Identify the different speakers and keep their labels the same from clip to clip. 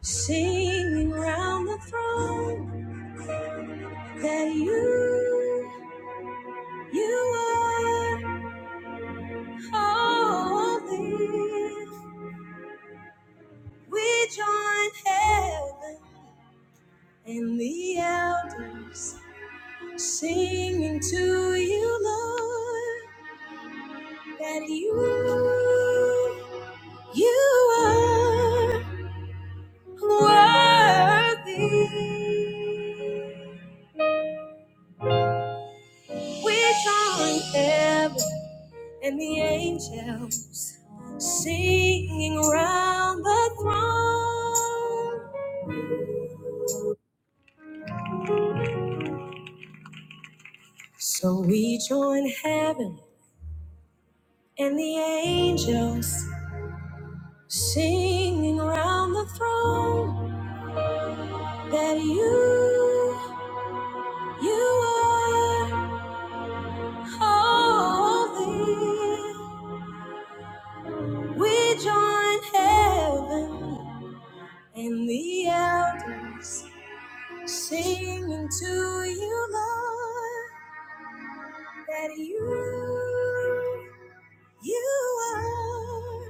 Speaker 1: Singing round the throne that you, you are holy. We join heaven and the elders singing to you, Lord, that you, you are worthy. We join heaven. and the angels singing around the throne. So we join heaven and the angels singing around the throne that you, you are holy. We join heaven and the elders singing to you, Lord. that you, you are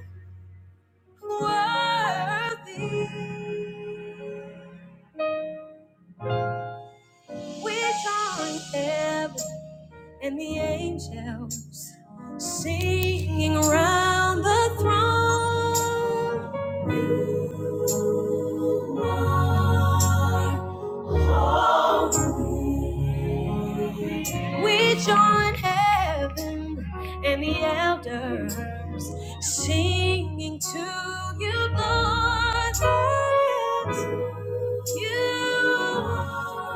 Speaker 1: worthy. We're joined heaven and the angels singing round the throne. You are holy. We join heaven and the elders singing to you, Lord, yes, you,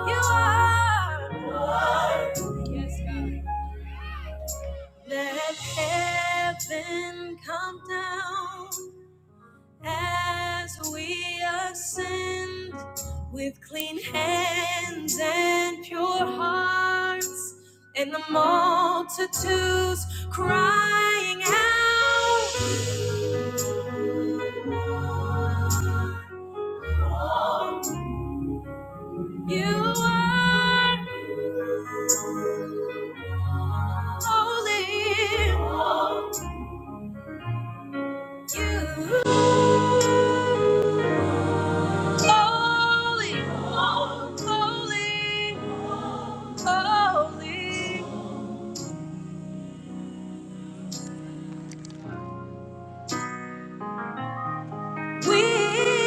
Speaker 1: you are. Lord. Yes, God. Let heaven come down as we ascend with clean hands and pure hearts, and the multitudes crying out, You are holy, you holy, holy, holy. We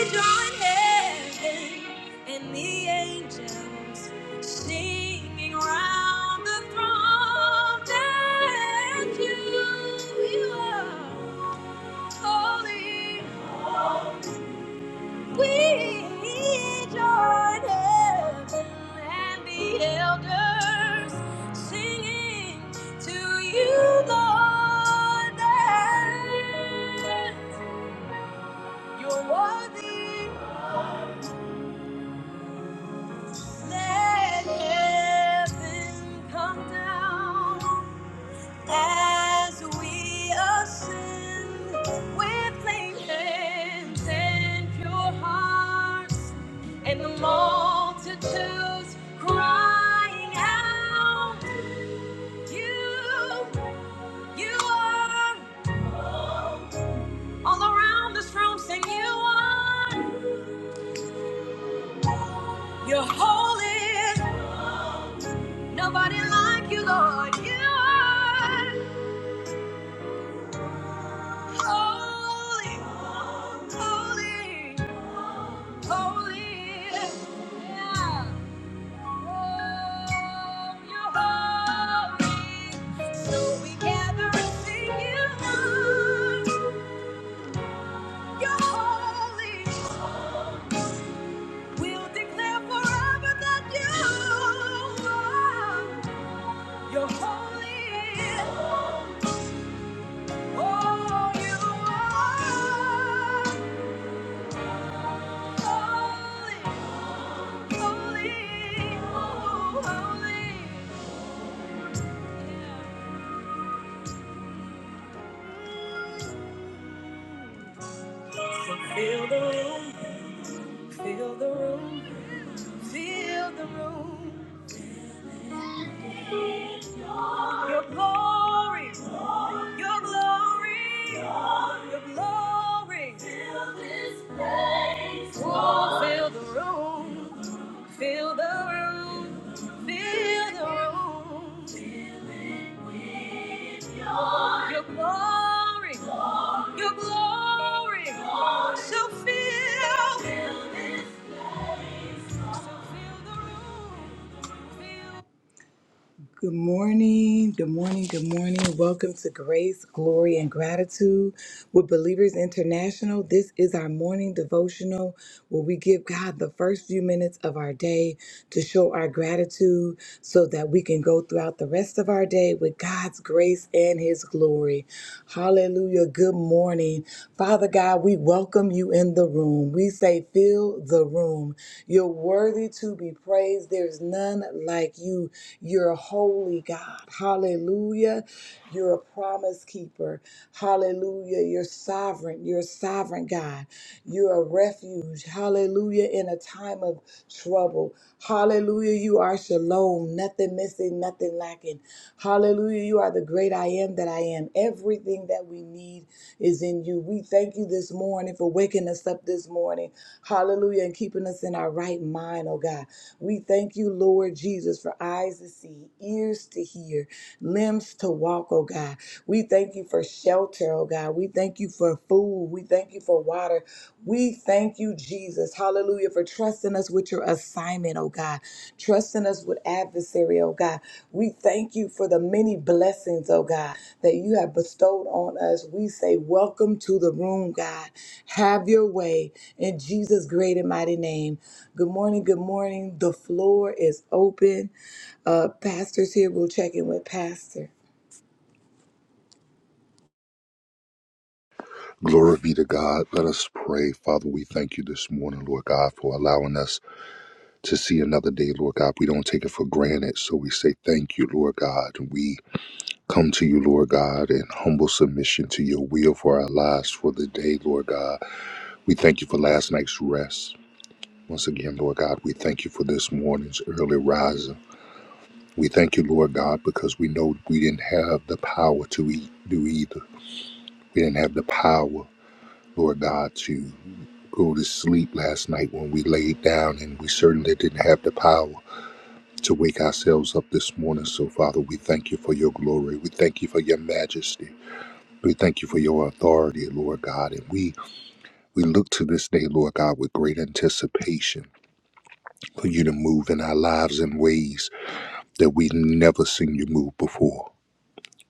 Speaker 1: join heaven and the angels singing round the throne that you, you are holy. We join heaven and the elders singing to you, Lord, that you're worthy. Let heaven come down as we ascend with clean hands and pure hearts, and the multitudes crying out, You, you are all around this room, sing you are, you're holy, nobody like you, Lord, you are. Holy, holy, holy. Yeah. Oh, you're holy. So we gather and sing you. You're holy. We'll declare forever that you are. You're holy. Oh, you are holy. Holy, oh, holy, yeah. Feel the room, feel the room, feel the room. Your glory, your glory, your glory. Feel the room, feel the room, feel the room. Your glory, your glory. So feel. Good morning, good morning, good morning. Welcome to Grace, Glory, and Gratitude with Believers International. This is our morning devotional where we give God the first few minutes of our day to show our gratitude so that we can go throughout the rest of our day with God's grace and His glory. Hallelujah. Good morning. Father God, we welcome you in the the room. We say, fill the room. You're worthy to be praised. There's none like you. You're a holy, God. Hallelujah. You're a promise keeper. Hallelujah. You're sovereign. You're a sovereign, God. You're a refuge. Hallelujah. In a time of trouble. Hallelujah. You are shalom. Nothing missing, nothing lacking. Hallelujah. You are the great I am that I am. Everything that we need is in you. We thank you this morning for waking us up this morning. Hallelujah. And keeping us in our right mind, oh God. We thank you, Lord Jesus, for eyes to see, ears to hear, limbs to walk, oh God. We thank you for shelter, oh God. We thank you for food. We thank you for water. We thank you, you, Jesus. Hallelujah. For trusting us with your assignment, oh God. Trusting us with adversary, oh God. We thank you for the many blessings, oh God, that you have bestowed on us. We say, Welcome to the room, God. Have your way in Jesus' great and mighty name. Good morning. Good morning. The floor is open. Uh, pastors here. We'll check in with Pastor.
Speaker 2: Glory be to God. Let us pray. Father, we thank you this morning, Lord God, for allowing us to see another day, Lord God. We don't take it for granted. So we say thank you, Lord God. We come to you, Lord God, in humble submission to your will for our lives for the day, Lord God. We thank you for last night's rest. Once again, Lord God, we thank you for this morning's early rising. We thank you, Lord God, because we know we didn't have the power to eat, do either. We didn't have the power, Lord God, to go to sleep last night when we laid down, and we certainly didn't have the power to wake ourselves up this morning. So, Father, we thank you for your glory. We thank you for your majesty. We thank you for your authority, Lord God. And we, we look to this day, Lord God, with great anticipation for you to move in our lives in ways that we've never seen you move before.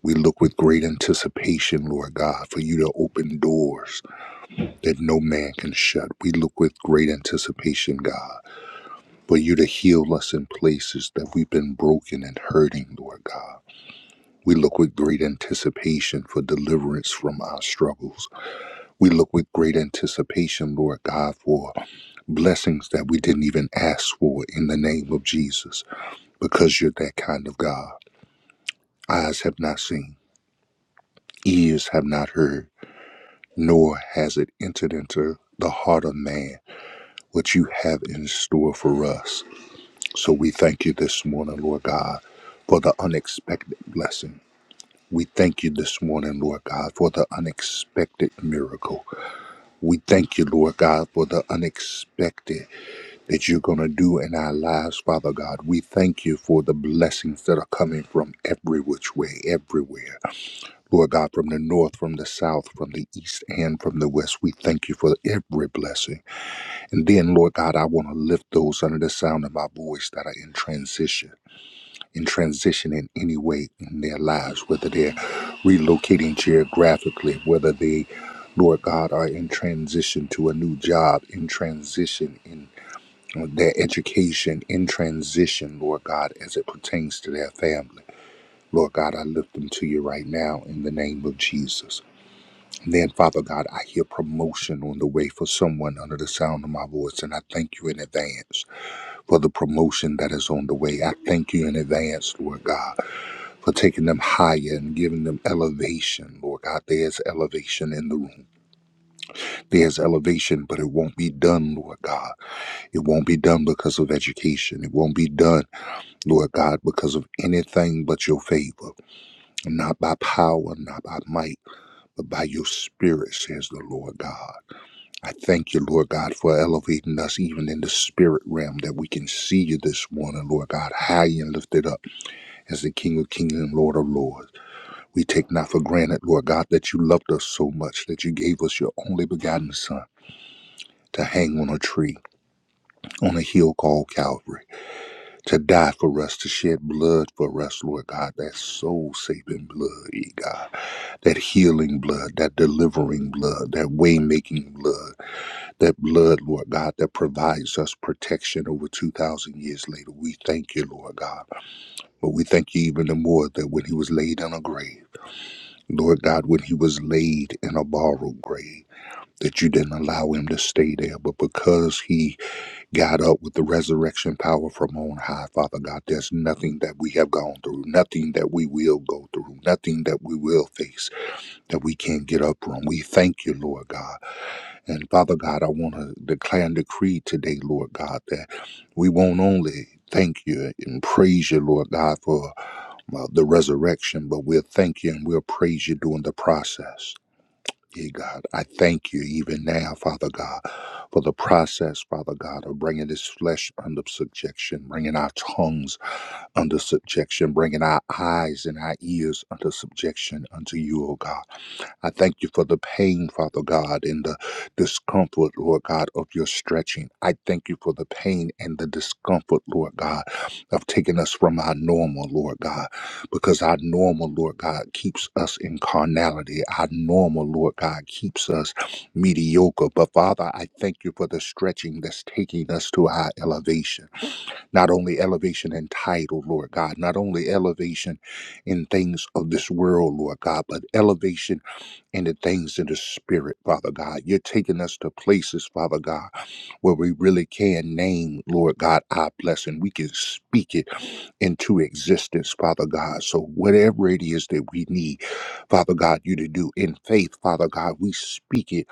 Speaker 2: We look with great anticipation, Lord God, for you to open doors that no man can shut. We look with great anticipation, God but you to heal us in places that we've been broken and hurting, Lord God. We look with great anticipation for deliverance from our struggles. We look with great anticipation, Lord God, for blessings that we didn't even ask for in the name of Jesus, because you're that kind of God. Eyes have not seen, ears have not heard, nor has it entered into the heart of man what you have in store for us. So we thank you this morning, Lord God, for the unexpected blessing. We thank you this morning, Lord God, for the unexpected miracle. We thank you, Lord God, for the unexpected that you're going to do in our lives, Father God. We thank you for the blessings that are coming from every which way, everywhere. Lord God, from the north, from the south, from the east, and from the west. We thank you for every blessing. And then, Lord God, I want to lift those under the sound of my voice that are in transition in transition in any way in their lives, whether they're relocating geographically, whether they, Lord God, are in transition to a new job, in transition in their education, in transition, Lord God, as it pertains to their family. Lord God, I lift them to you right now in the name of Jesus. And then, Father God, I hear promotion on the way for someone under the sound of my voice, and I thank you in advance for the promotion that is on the way. I thank you in advance, Lord God for taking them higher and giving them elevation, Lord God. There's elevation in the room. There's elevation, but it won't be done, Lord God. It won't be done because of education. It won't be done, Lord God, because of anything but your favor. Not by power, not by might, but by your spirit, says the Lord God. I thank you, Lord God, for elevating us even in the spirit realm that we can see you this morning, Lord God, high and lifted up as the King of Kings and Lord of Lords. We take not for granted, Lord God, that you loved us so much that you gave us your only begotten Son to hang on a tree on a hill called Calvary, to die for us, to shed blood for us, Lord God, that soul saving blood, E God, that healing blood, that delivering blood, that way making blood, that blood, Lord God, that provides us protection over 2,000 years later. We thank you, Lord God. But we thank you even the more that when he was laid in a grave, Lord God, when he was laid in a borrowed grave, that you didn't allow him to stay there. But because he got up with the resurrection power from on high, Father God, there's nothing that we have gone through, nothing that we will go through, nothing that we will face that we can't get up from. We thank you, Lord God. And Father God, I want to declare and decree today, Lord God, that we won't only Thank you and praise you, Lord God, for uh, the resurrection, but we'll thank you and we'll praise you during the process. Yeah, God, I thank you even now, Father God, for the process, Father God, of bringing this flesh under subjection, bringing our tongues under subjection, bringing our eyes and our ears under subjection unto you, O God. I thank you for the pain, Father God, and the discomfort, Lord God, of your stretching. I thank you for the pain and the discomfort, Lord God, of taking us from our normal, Lord God, because our normal, Lord God, keeps us in carnality. Our normal, Lord God, keeps us mediocre. But Father, I thank you for the stretching that's taking us to our elevation. Not only elevation in title, Lord God, not only elevation in things of this world, Lord God, but elevation and the things in the spirit, Father God. You're taking us to places, Father God, where we really can name, Lord God, our blessing. We can speak it into existence, Father God. So whatever it is that we need, Father God, you to do in faith, Father God, we speak it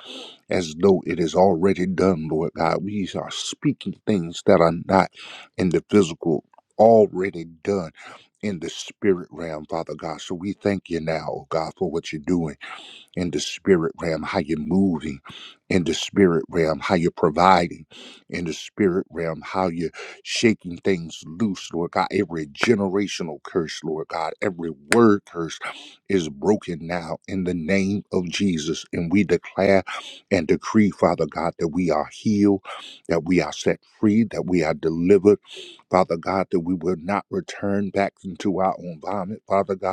Speaker 2: as though it is already done, Lord God. We are speaking things that are not in the physical, already done in the spirit realm, Father God. So we thank you now, oh God, for what you're doing in the spirit realm, how you're moving in the spirit realm, how you're providing in the spirit realm, how you're shaking things loose, Lord God. Every generational curse, Lord God, every word curse is broken now in the name of Jesus. And we declare and decree, Father God, that we are healed, that we are set free, that we are delivered, Father God, that we will not return back into our own vomit, Father God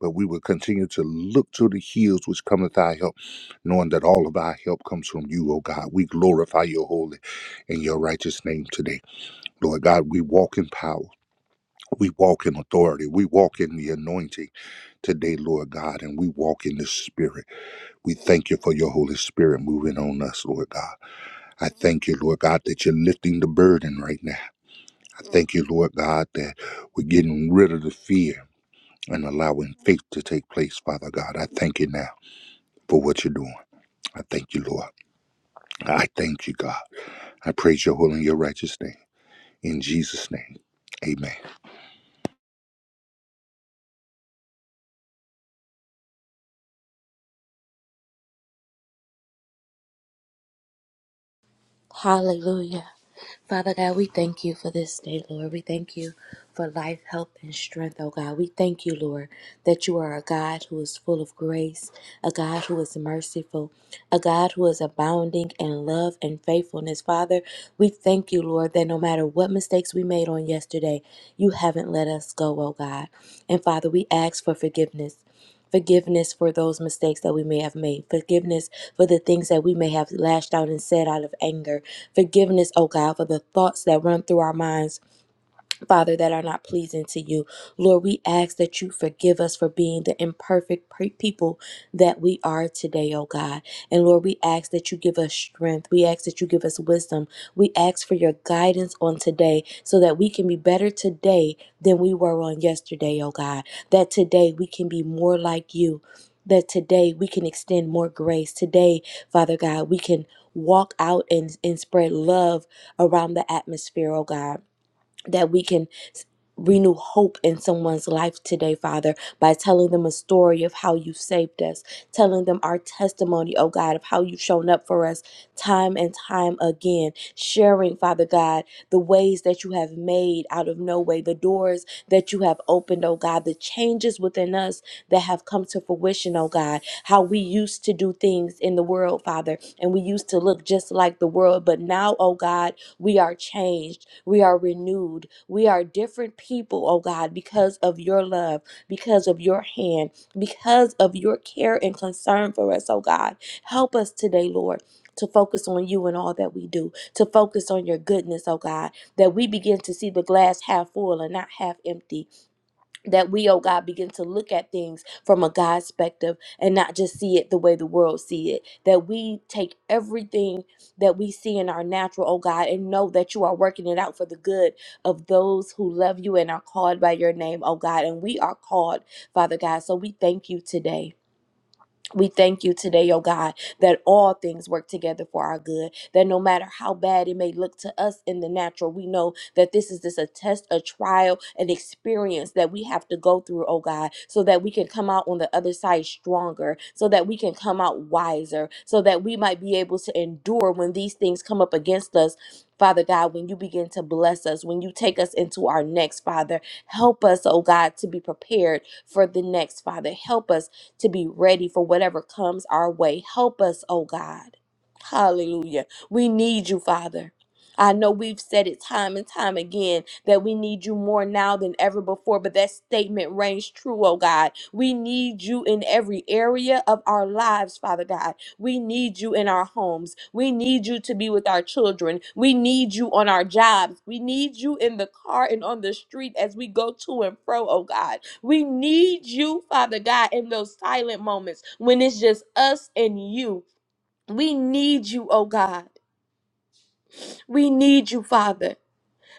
Speaker 2: but we will continue to look to the hills which cometh our help, knowing that all of our help comes from you, O God. We glorify your holy and your righteous name today. Lord God, we walk in power. We walk in authority. We walk in the anointing today, Lord God, and we walk in the Spirit. We thank you for your Holy Spirit moving on us, Lord God. I thank you, Lord God, that you're lifting the burden right now. I thank you, Lord God, that we're getting rid of the fear and allowing faith to take place, Father God. I thank you now. for what you're doing. I thank you, Lord. I thank you, God. I praise your holy and your righteous name. In Jesus' name, amen.
Speaker 3: Hallelujah. Father God, we thank you for this day, Lord. We thank you for life, health, and strength, oh God. We thank you, Lord, that you are a God who is full of grace, a God who is merciful, a God who is abounding in love and faithfulness. Father, we thank you, Lord, that no matter what mistakes we made on yesterday, you haven't let us go, oh God. And Father, we ask for forgiveness forgiveness for those mistakes that we may have made, forgiveness for the things that we may have lashed out and said out of anger, forgiveness, oh God, for the thoughts that run through our minds Father, that are not pleasing to you. Lord, we ask that you forgive us for being the imperfect pe- people that we are today, oh God. And Lord, we ask that you give us strength. We ask that you give us wisdom. We ask for your guidance on today so that we can be better today than we were on yesterday, oh God. That today we can be more like you. That today we can extend more grace. Today, Father God, we can walk out and, and spread love around the atmosphere, oh God that we can renew hope in someone's life today, Father, by telling them a story of how you saved us, telling them our testimony, oh God, of how you've shown up for us time and time again, sharing, Father God, the ways that you have made out of no way, the doors that you have opened, oh God, the changes within us that have come to fruition, oh God, how we used to do things in the world, Father, and we used to look just like the world, but now, oh God, we are changed. We are renewed. We are different people, oh God, because of your love, because of your hand, because of your care and concern for us, oh God. Help us today, Lord. To focus on you and all that we do, to focus on your goodness, oh God, that we begin to see the glass half full and not half empty, that we, oh God, begin to look at things from a God perspective and not just see it the way the world see it. That we take everything that we see in our natural, oh God, and know that you are working it out for the good of those who love you and are called by your name, oh God. And we are called, Father God. So we thank you today. We thank you today, oh God, that all things work together for our good. That no matter how bad it may look to us in the natural, we know that this is this a test, a trial, an experience that we have to go through, oh God, so that we can come out on the other side stronger, so that we can come out wiser, so that we might be able to endure when these things come up against us. Father God, when you begin to bless us, when you take us into our next, Father, help us, oh God, to be prepared for the next, Father. Help us to be ready for whatever comes our way. Help us, oh God. Hallelujah. We need you, Father. I know we've said it time and time again that we need you more now than ever before, but that statement rings true, oh God. We need you in every area of our lives, Father God. We need you in our homes. We need you to be with our children. We need you on our jobs. We need you in the car and on the street as we go to and fro, oh God. We need you, Father God, in those silent moments when it's just us and you. We need you, oh God. We need you, Father.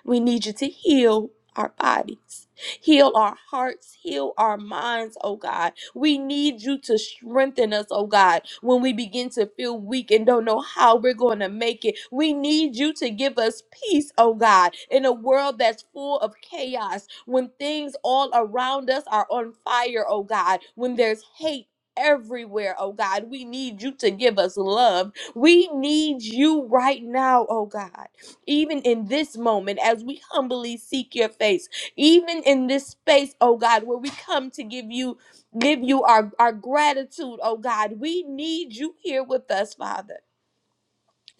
Speaker 3: We need you to heal our bodies, heal our hearts, heal our minds, oh God. We need you to strengthen us, oh God, when we begin to feel weak and don't know how we're going to make it. We need you to give us peace, oh God, in a world that's full of chaos, when things all around us are on fire, oh God, when there's hate. Everywhere, oh God, we need you to give us love. We need you right now, oh God. Even in this moment, as we humbly seek your face, even in this space, oh God, where we come to give you give you our, our gratitude, oh God, we need you here with us, Father.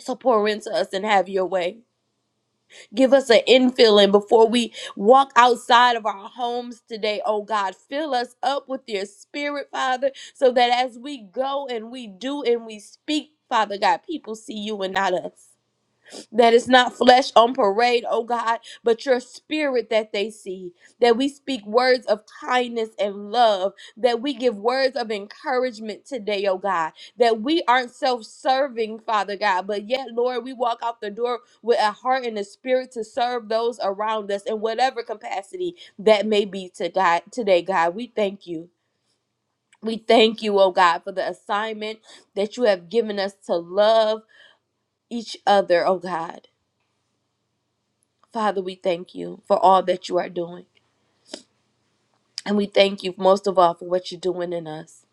Speaker 3: So pour into us and have your way. Give us an infilling before we walk outside of our homes today, oh God. Fill us up with your spirit, Father, so that as we go and we do and we speak, Father God, people see you and not us. That it's not flesh on parade, oh God, but your spirit that they see. That we speak words of kindness and love. That we give words of encouragement today, oh God. That we aren't self serving, Father God, but yet, Lord, we walk out the door with a heart and a spirit to serve those around us in whatever capacity that may be to God, today, God. We thank you. We thank you, oh God, for the assignment that you have given us to love each other, oh God Father, we thank you for all that you are doing. And we thank you most of all for what you're doing in us.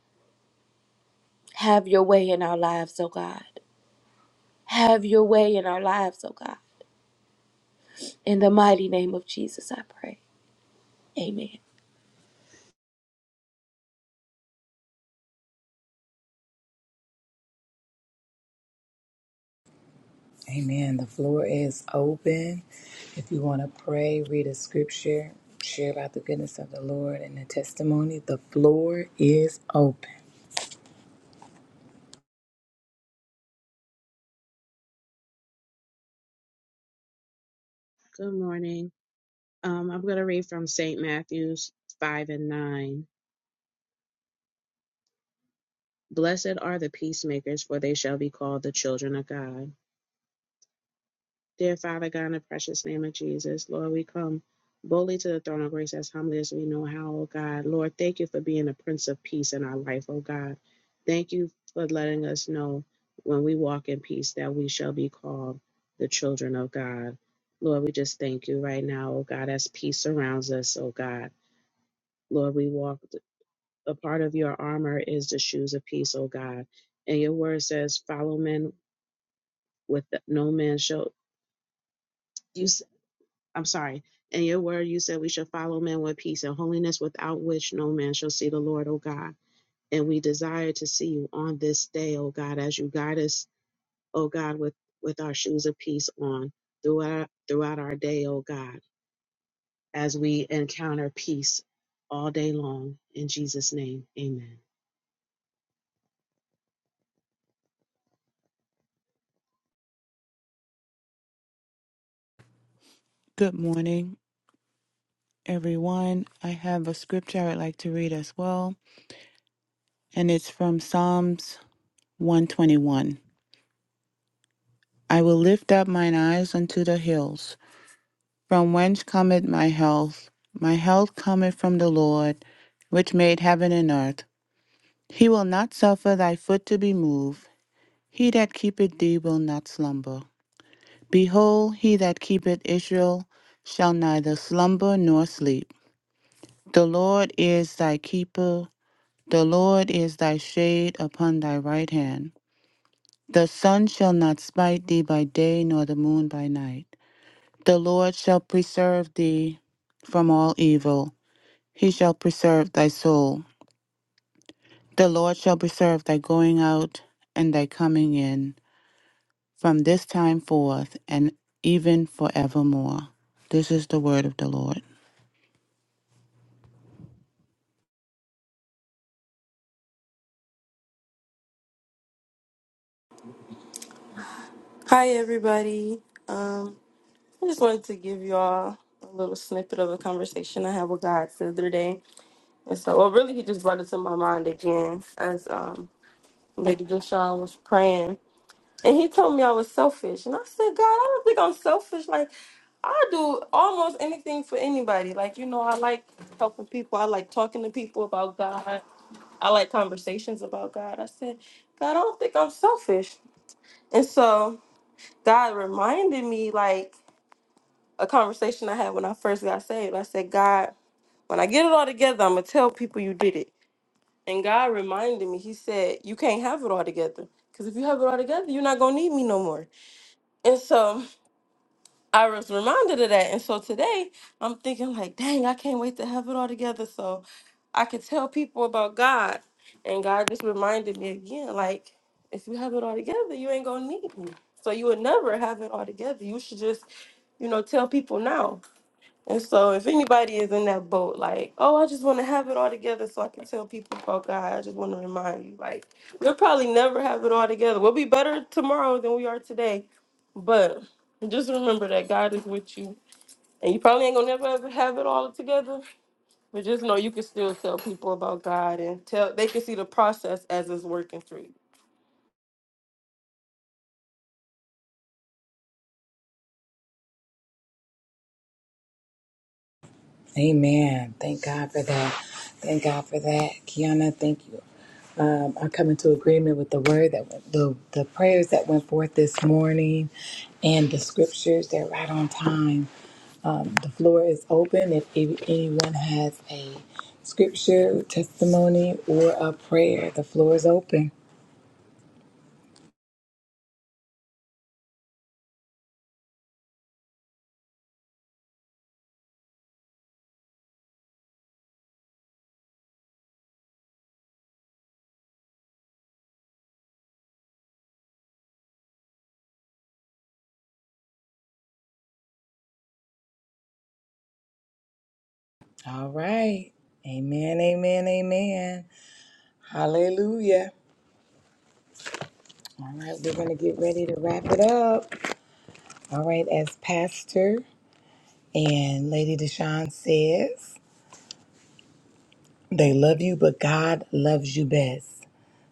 Speaker 3: Have your way in our lives, oh God. Have your way in our lives, oh God. In the mighty name of Jesus, I pray. Amen.
Speaker 1: Amen. The floor is open. If you want to pray, read a scripture, share about the goodness of the Lord and the testimony, the floor is open.
Speaker 4: Good morning. Um, I'm going to read from St. Matthew's 5 and 9. Blessed are the peacemakers, for they shall be called the children of God. Dear Father God, in the precious name of Jesus, Lord, we come boldly to the throne of grace as humbly as we know how, O God. Lord, thank you for being the Prince of Peace in our life, O God. Thank you for letting us know when we walk in peace that we shall be called the children of God. Lord, we just thank you right now, O God, as peace surrounds us, O God. Lord, we walk. a part of your armor is the shoes of peace, O God. And your word says, follow men with the, no man shall you s- I'm sorry. In your word you said we shall follow men with peace and holiness without which no man shall see the Lord, O God. And we desire to see you on this day, O God, as you guide us, O God, with, with our shoes of peace on throughout throughout our day, O God, as we encounter peace all day long. In Jesus' name, amen.
Speaker 5: Good morning, everyone. I have a scripture I would like to read as well, and it's from Psalms 121. I will lift up mine eyes unto the hills, from whence cometh my health. My health cometh from the Lord, which made heaven and earth. He will not suffer thy foot to be moved. He that keepeth thee will not slumber. Behold, he that keepeth Israel shall neither slumber nor sleep. The Lord is thy keeper The Lord is thy shade upon thy right hand. The sun shall not smite thee by day, nor the moon by night. The Lord shall preserve thee from all evil. He shall preserve thy soul. The Lord shall preserve thy going out and thy coming in from this time forth and even forevermore. This is the word of the Lord.
Speaker 6: Hi, everybody. Um, I just wanted to give you all a little snippet of a conversation I had with God the other day. And so, well, really, he just brought it to my mind again as um, Lady Deshawn was praying. And he told me I was selfish. And I said, God, I don't think I'm selfish. Like, I do almost anything for anybody. Like, you know, I like helping people, I like talking to people about God, I like conversations about God. I said, God, I don't think I'm selfish. And so, God reminded me, like, a conversation I had when I first got saved. I said, God, when I get it all together, I'm gonna tell people you did it. And God reminded me, He said, You can't have it all together. Because if you have it all together, you're not gonna need me no more. And so I was reminded of that. And so today I'm thinking like, dang, I can't wait to have it all together. So I could tell people about God. And God just reminded me again, like, if you have it all together, you ain't gonna need me. So you would never have it all together. You should just, you know, tell people now and so if anybody is in that boat, like, oh, I just want to have it all together so I can tell people about God, I just want to remind you, like, we'll probably never have it all together. We'll be better tomorrow than we are today. But just remember that God is with you. And you probably ain't gonna never ever have it all together. But just know you can still tell people about God and tell they can see the process as it's working through you.
Speaker 1: Amen. Thank God for that. Thank God for that. Kiana, thank you. Um, I come into agreement with the word that went, the the prayers that went forth this morning, and the scriptures. They're right on time. The floor is open. If any- anyone has a scripture, testimony, or a prayer, the floor is open. All right. Amen, amen, amen. Hallelujah. All right, we're going to get ready to wrap it up. All right, as Pastor and Lady Deshawn says, they love you, but God loves you best.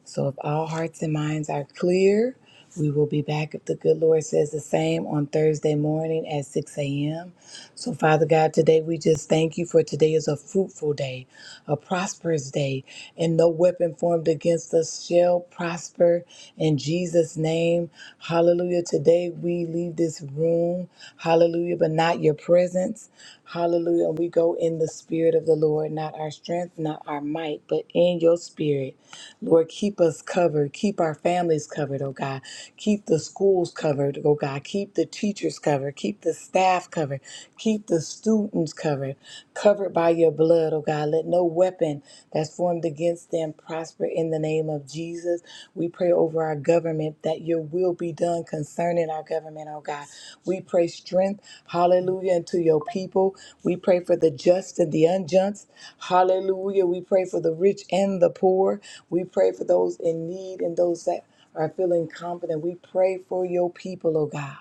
Speaker 1: So if all hearts and minds are clear, we will be back if the good Lord says the same on Thursday morning at 6 a.m. So, Father God, today we just thank you for today is a fruitful day, a prosperous day, and no weapon formed against us shall prosper in Jesus' name. Hallelujah. Today we leave this room, hallelujah, but not your presence. Hallelujah. And we go in the spirit of the Lord, not our strength, not our might, but in your spirit. Lord, keep us covered. Keep our families covered, oh God. Keep the schools covered, oh God. Keep the teachers covered. Keep the staff covered. Keep the students covered. Covered by your blood, oh God. Let no weapon that's formed against them prosper in the name of Jesus. We pray over our government government, that your will be done concerning our government, oh God. We pray strength, hallelujah, unto your people. We pray for the just and the unjust, hallelujah. We pray for the rich and the poor. We pray for those in need and those that are feeling confident. We pray for your people, oh God.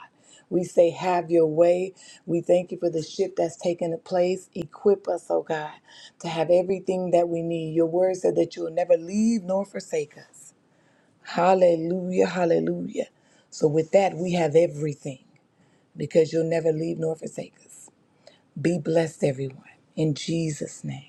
Speaker 1: We say, Have your way. We thank you for the shift that's taken place. Equip us, oh God, to have everything that we need. Your word said that you will never leave nor forsake us. Hallelujah, hallelujah. So, with that, we have everything because you'll never leave nor forsake us. Be blessed, everyone. In Jesus' name.